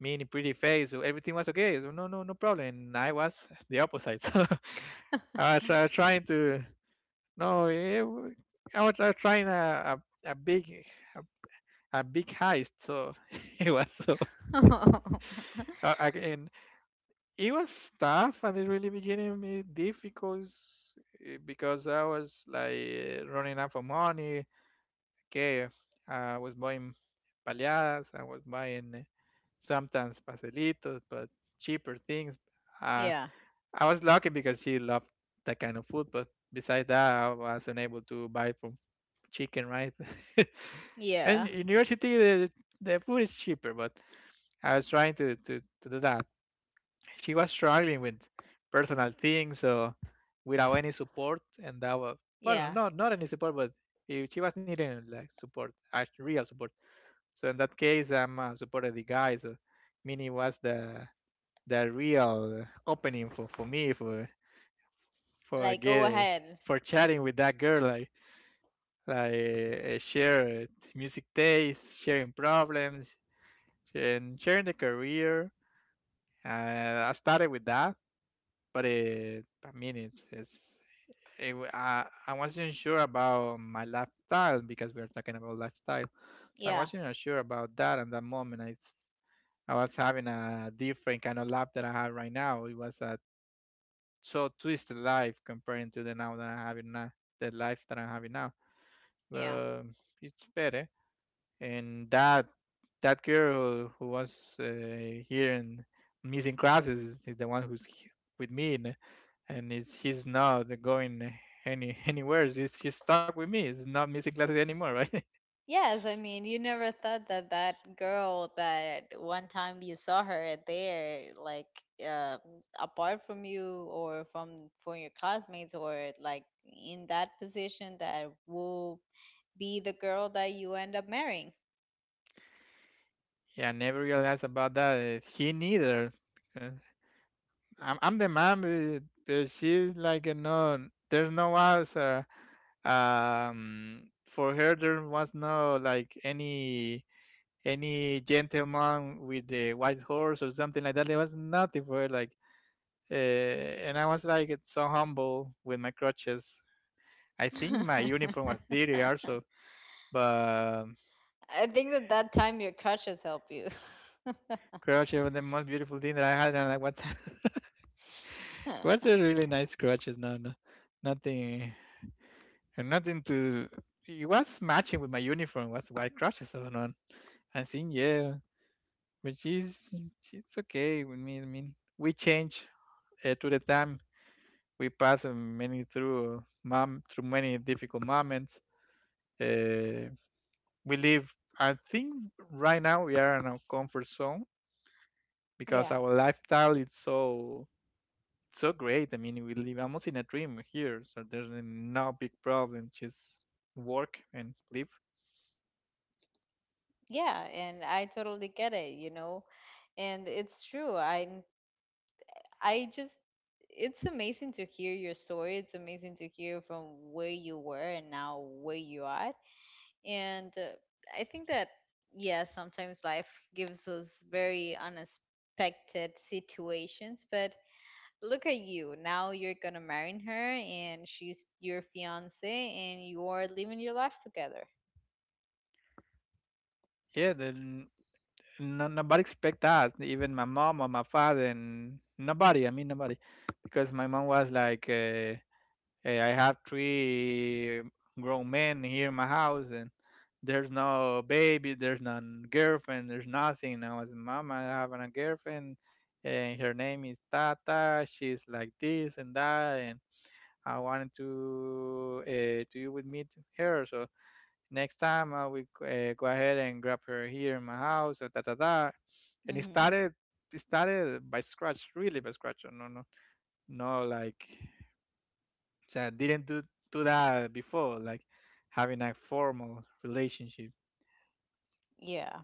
Speaker 2: mean pretty face. So everything was okay. So no, no, no problem. And I was the opposite. *laughs* So I was trying to no, I was trying a big heist. So *laughs* it was so
Speaker 1: *laughs*
Speaker 2: again, it was tough at the really beginning, difficult, because I was like running out of money. Okay, I was buying paleadas, I was buying sometimes pastelitos, but cheaper things. Uh,
Speaker 1: Yeah.
Speaker 2: I was lucky because she loved that kind of food, but besides that, I wasn't able to buy from chicken, right? *laughs* And
Speaker 1: Yeah.
Speaker 2: in university, the food is cheaper, but I was trying to do that. She was struggling with personal things, so without any support, and that was, well,
Speaker 1: Yeah.
Speaker 2: not not any support, but if she was needing like support, actual real support. So in that case, I'm supported the guy. So Mini was the real opening for me for
Speaker 1: Like, go
Speaker 2: getting
Speaker 1: ahead.
Speaker 2: for chatting with that girl, like share music taste, sharing problems, and sharing the career. I started with that but it, I mean, it's it, I wasn't sure about my lifestyle because we are talking about lifestyle. So I
Speaker 1: Yeah.
Speaker 2: wasn't sure about that at that moment. I was having a different kind of life that I have right now. It was a so twisted life comparing to the now that I have it now, the life that I'm having now.
Speaker 1: Yeah.
Speaker 2: But it's better, and that that girl who was here and missing classes is the one with me, and it's, she's not going any *laughs* anywhere. She's stuck with me. It's not missing classes anymore, right? *laughs*
Speaker 1: Yes, I mean, you never thought that that girl, that one time you saw her there, like, uh, apart from you, or from your classmates, or like in that position, that will be the girl that you end up marrying.
Speaker 2: Yeah, I never realized about that. She neither, because I'm the man, but she's like no, there's no answer. For her there was no like any gentleman with the white horse or something like that. There was nothing for it, like, and I was like so humble with my crutches. I think my uniform was dirty also,
Speaker 1: *laughs*
Speaker 2: but
Speaker 1: I think that that time your crutches help you.
Speaker 2: crutches were the most beautiful thing that I had. And I what? *laughs* It was a
Speaker 1: *laughs*
Speaker 2: really nice crutches. No, no, nothing, nothing to. It was matching with my uniform. Was white crutches on on. I think yeah, but she's okay with me. I mean, we change to the time we pass many through mom through many difficult moments. Uh, we live. I think right now we are in our comfort zone because
Speaker 1: Yeah.
Speaker 2: our lifestyle is so so great. I mean, we live almost in a dream here, so there's no big problem. Just work and live.
Speaker 1: Yeah, and I totally get it, you know. And it's true. I just It's amazing to hear your story. It's amazing to hear from where you were and now where you are. And I think that, yeah, sometimes life gives us very unexpected situations, but look at you now, you're gonna marry her, and she's your fiance, and you're living your life together.
Speaker 2: Yeah, then no, nobody expect that. Even my mom or my father and nobody. I mean, nobody, because my mom was like. Hey, I have three grown men here in my house, and there's no baby, there's no girlfriend, there's nothing. Now, as mama, I have a girlfriend, and her name is Tata. She's like this and that, and I wanted to you with me to her. So next time I will go ahead and grab her here in my house. So da da da, and it
Speaker 1: Mm-hmm.
Speaker 2: started. It started by scratch, really by scratch. No, no, no, like so I didn't do that before, like having a formal relationship.
Speaker 1: Yeah.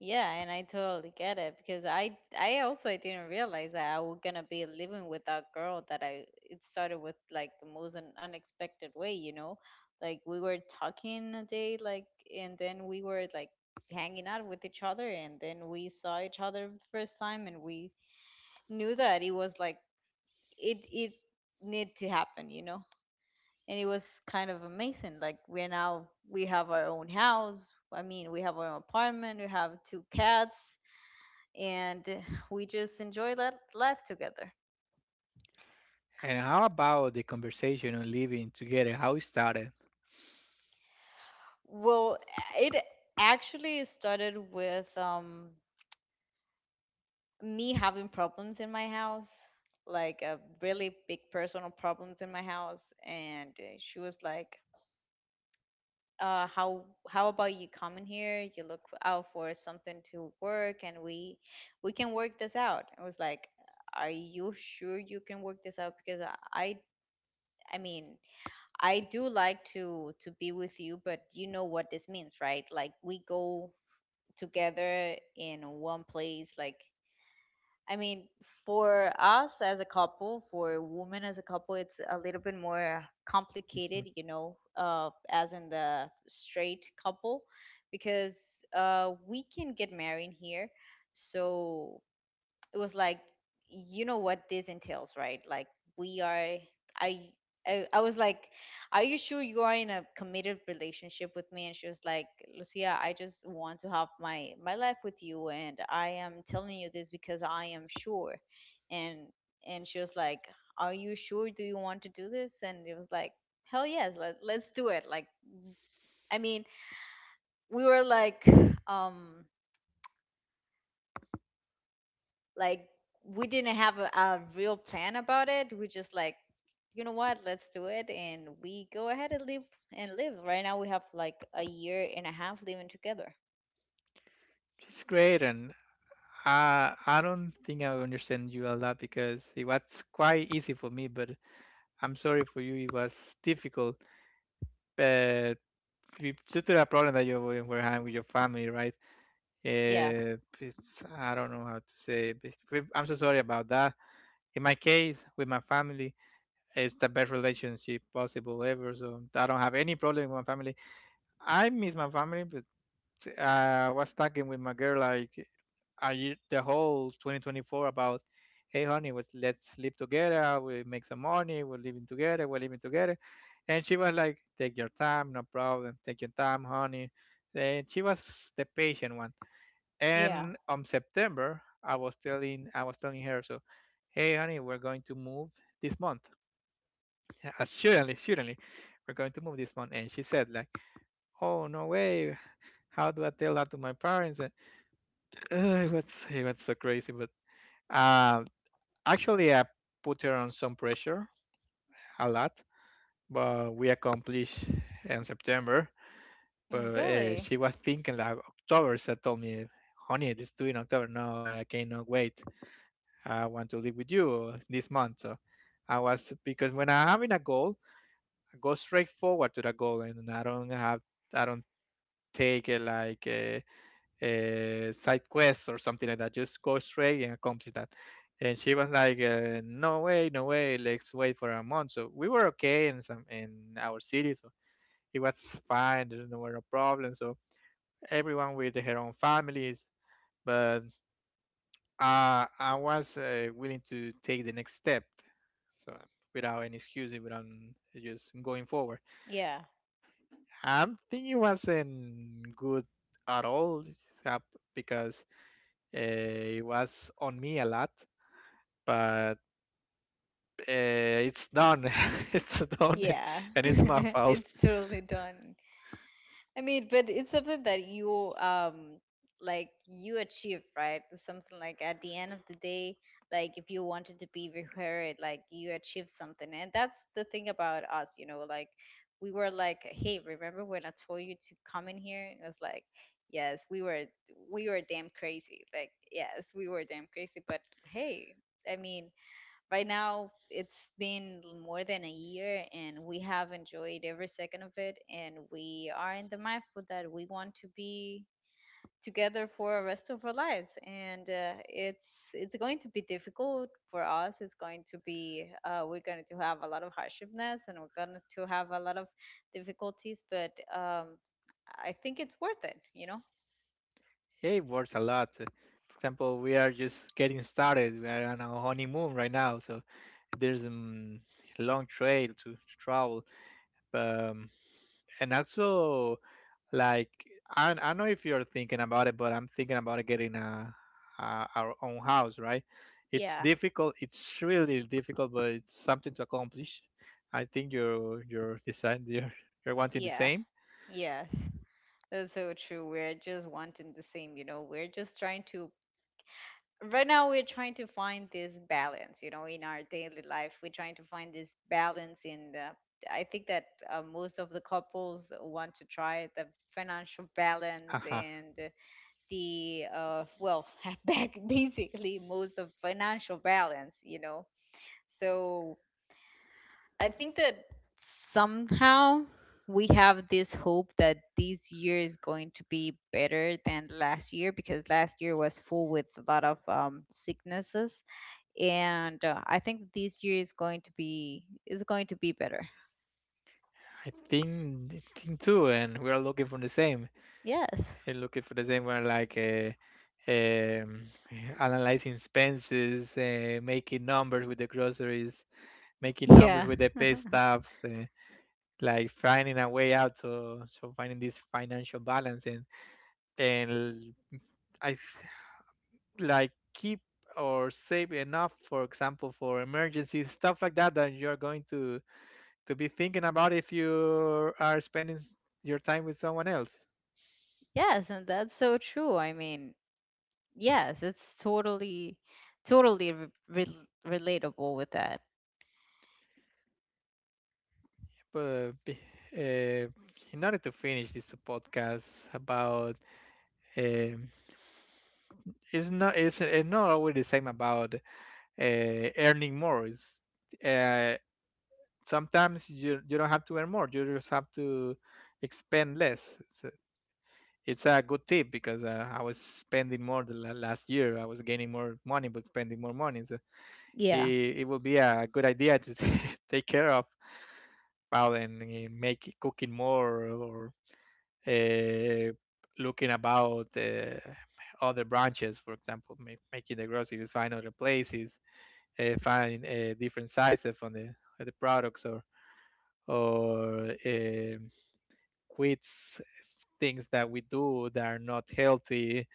Speaker 1: Yeah, and I totally get it because I also didn't realize that I was gonna be living with that girl that I it started with like the most unexpected way, you know. Like we were talking a day, like, and then we were like hanging out with each other, and then we saw each other the first time and we knew that it was like it need to happen, you know. And it was kind of amazing. Like we're now we have our own house. I mean, we have our own apartment, we have two cats, and *sighs* we just enjoy that life together.
Speaker 2: And how about the conversation on living together? How it started?
Speaker 1: Well, it actually started with me having problems in my house, like a really big personal problems in my house, and she was like, How about you come in here? You look out for something to work, and we can work this out." I was like, "Are you sure you can work this out? Because I I mean, I do like to be with you, but you know what this means, right? Like we go together in one place, like." I mean, for us as a couple, for women as a couple, it's a little bit more
Speaker 2: Mhm.
Speaker 1: complicated, you know, as in the straight couple, because we can get married here. So it was like, you know what this entails, right? Like we are I I was like, "Are you sure you are in a committed relationship with me?" And she was like, "Lucia, I just want to have my life with you, and I am telling you this because I am sure." And and she was like, "Are you sure, do you want to do this?" And it was like, "Hell yes, let's do it." Like, I mean, we were like um like we didn't have a real plan about it. We just like, you know what, let's do it, and we go ahead and live and live. Right now we have like a year and a half living together.
Speaker 2: It's great, and I don't think I understand you a lot because it was quite easy for me, but I'm sorry for you. It was difficult, but due to the problem that you were having with your family, right?
Speaker 1: Yeah,
Speaker 2: Eh, it's, I don't know how to say. It. I'm so sorry about that. In my case, with my family, it's the best relationship possible ever. So I don't have any problem with my family. I miss my family, but I was talking with my girl like a year, the whole 2024 about, hey honey, let's sleep together. We make some money. We're living together. We're living together. And she was like, take your time, no problem. Take your time, honey. And she was the patient one
Speaker 1: yeah.
Speaker 2: and on September, I was telling her, so, hey, honey, we're going to move this month. *laughs* Surely, we're going to move this month. And she said, like, oh, no way. How do I tell that to my parents? And *laughs* it was so crazy. But uh, actually, I put her on some pressure a lot, but we accomplished in September. But
Speaker 1: Mm, really.
Speaker 2: she was thinking like October. She told me, honey, let this due in October. No, I cannot wait. I want to live with you this month. So I was because when I'm having a goal, I go straight forward to the goal, and I don't take like a side quest or something like that. Just go straight and accomplish that. And she was like, "No way, no way. Let's wait for a month." So we were okay in some in our city, so it was fine. There were no problem. So everyone with their own families, but I was willing to take the next step, so without any excuses, without just going forward.
Speaker 1: Yeah,
Speaker 2: I think it wasn't good at all because it was on me a lot, but it's done. *laughs* It's done,
Speaker 1: yeah. *laughs*
Speaker 2: and it's my fault.
Speaker 1: It's totally done. I mean, but it's something that you like you achieve, right? It's something like at the end of the day, like if you wanted to be with, like you achieved something, and that's the thing about us, you know. Like we were like, "Hey, remember when I told you to come in here?" It was like, yes, we were damn crazy. Like yes, we were damn crazy, but hey, I mean, right now it's been more than a year and we have enjoyed every second of it, and we are in the mindful that we want to be together for the rest of our lives. And it's going to be difficult for us. It's going to be, we're going to have a lot of hardshipness, and we're going to have a lot of difficulties, but I think it's worth it, you know.
Speaker 2: It works a lot. For example, we are just getting started. We are on our honeymoon right now, so there's a long trail to travel. But and also, like, I know if you're thinking about it, but I'm thinking about getting a our own house, right? It's
Speaker 1: Yeah,
Speaker 2: difficult. It's really difficult, but it's something to accomplish. I think you're deciding you're wanting the
Speaker 1: yeah,
Speaker 2: same.
Speaker 1: yes, that's so true. We're just wanting the same, you know. We're just trying to, right now we're trying to find this balance, you know, in our daily life. We're trying to find this balance in the, I think that most of the couples want to try the financial balance
Speaker 2: Haha.
Speaker 1: and the well, *laughs* back basically most of financial balance, you know. So I think that somehow we have this hope that this year is going to be better than last year, because last year was full with a lot of sicknesses. And I think this year is going to be, is going to be better.
Speaker 2: I think too, and we're looking for the same.
Speaker 1: Yes. *laughs*
Speaker 2: We're looking for the same. We're like um, analyzing expenses, making numbers with the groceries, making numbers
Speaker 1: Yeah.
Speaker 2: with the pay stubs. Like finding a way out to so finding this financial balance and I th- like keep or save enough, for example, for emergencies, stuff like that that you're going to be thinking about if you are spending your time with someone else.
Speaker 1: Yes, and that's so true. I mean, yes, it's totally relatable with that.
Speaker 2: But be- uh, in order to finish this podcast about um, it's not always the same about earning more. Uh, Sometimes you don't have to earn more, you just have to expend less, so it's a good tip because I was spending more last year. I was gaining more money but spending more money, so
Speaker 1: Yeah.
Speaker 2: it will be a good idea to *laughs* take care of about and make cooking more or uh, looking about other branches, for example making the grocery find other places, find different sizes on the products or or um, quits things that we do that are not healthy,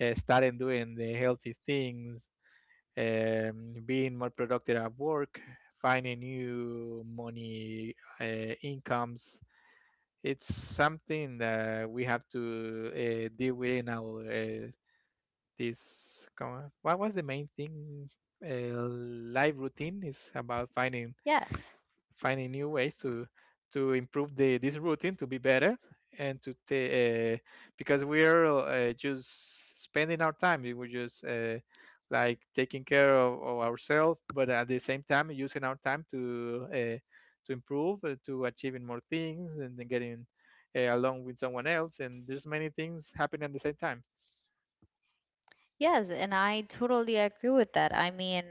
Speaker 2: starting doing the healthy things, being more productive at work, finding new money incomes. It's something that we have to deal with in our this. Come on, what was the main thing? Life routine is about finding
Speaker 1: Yes.
Speaker 2: finding new ways to improve the this routine to be better and because we're just spending our time. We were just like taking care of ourselves, but at the same time using our time to improve, to achieving more things and then getting along with someone else, and there's many things happening at the same time.
Speaker 1: Yes, and I totally agree with that. I mean,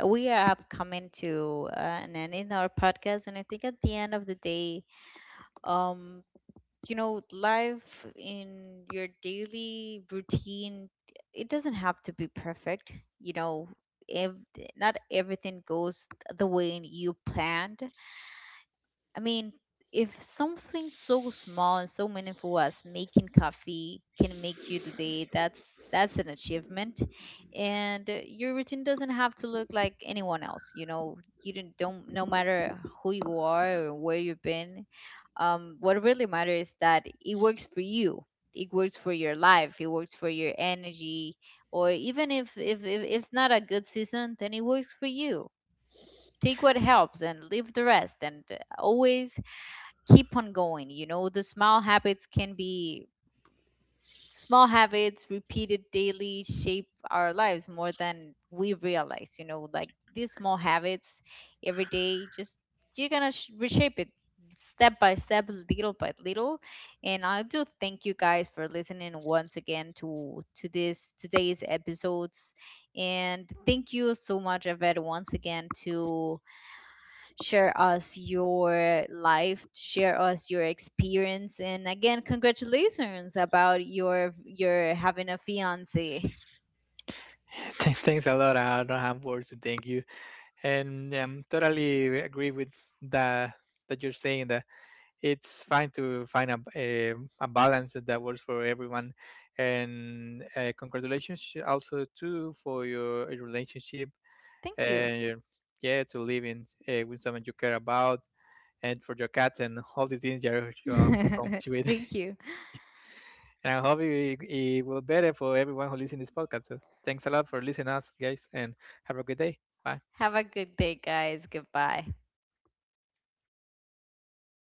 Speaker 1: we have come into an end in our podcast, and I think at the end of the day, um, you know, life in your daily routine, it doesn't have to be perfect. You know, if not everything goes the way you planned, I mean, if something so small and so meaningful as making coffee can make you the day, that's an achievement. And your routine doesn't have to look like anyone else. You know, you don't, no matter who you are or where you've been. What really matters is that it works for you. It works for your life. It works for your energy. Or even if it's not a good season, then it works for you. Take what helps and leave the rest, and always keep on going. You know, the small habits can be, small habits repeated daily shape our lives more than we realize. You know, like these small habits every day, just you're gonna reshape it step by step, little by little. And I do thank you guys for listening once again to this today's episodes. And thank you so much, Evette, once again to share us your life, share us your experience, and again, congratulations about your having a fiance.
Speaker 2: *laughs* Thanks a lot, I don't have words to thank you, and I'm totally agree with that that you're saying that it's fine to find a balance that works for everyone. And congratulations also too for your relationship,
Speaker 1: Thank you.
Speaker 2: and yeah, to live in with someone you care about, and for your cats and all the things you are accomplished
Speaker 1: *laughs*
Speaker 2: with.
Speaker 1: Thank
Speaker 2: *laughs*
Speaker 1: you.
Speaker 2: And I hope it, it will better for everyone who listens to this podcast. So thanks a lot for listening us guys, and have a good day. Bye.
Speaker 1: Have a good day, guys. Goodbye.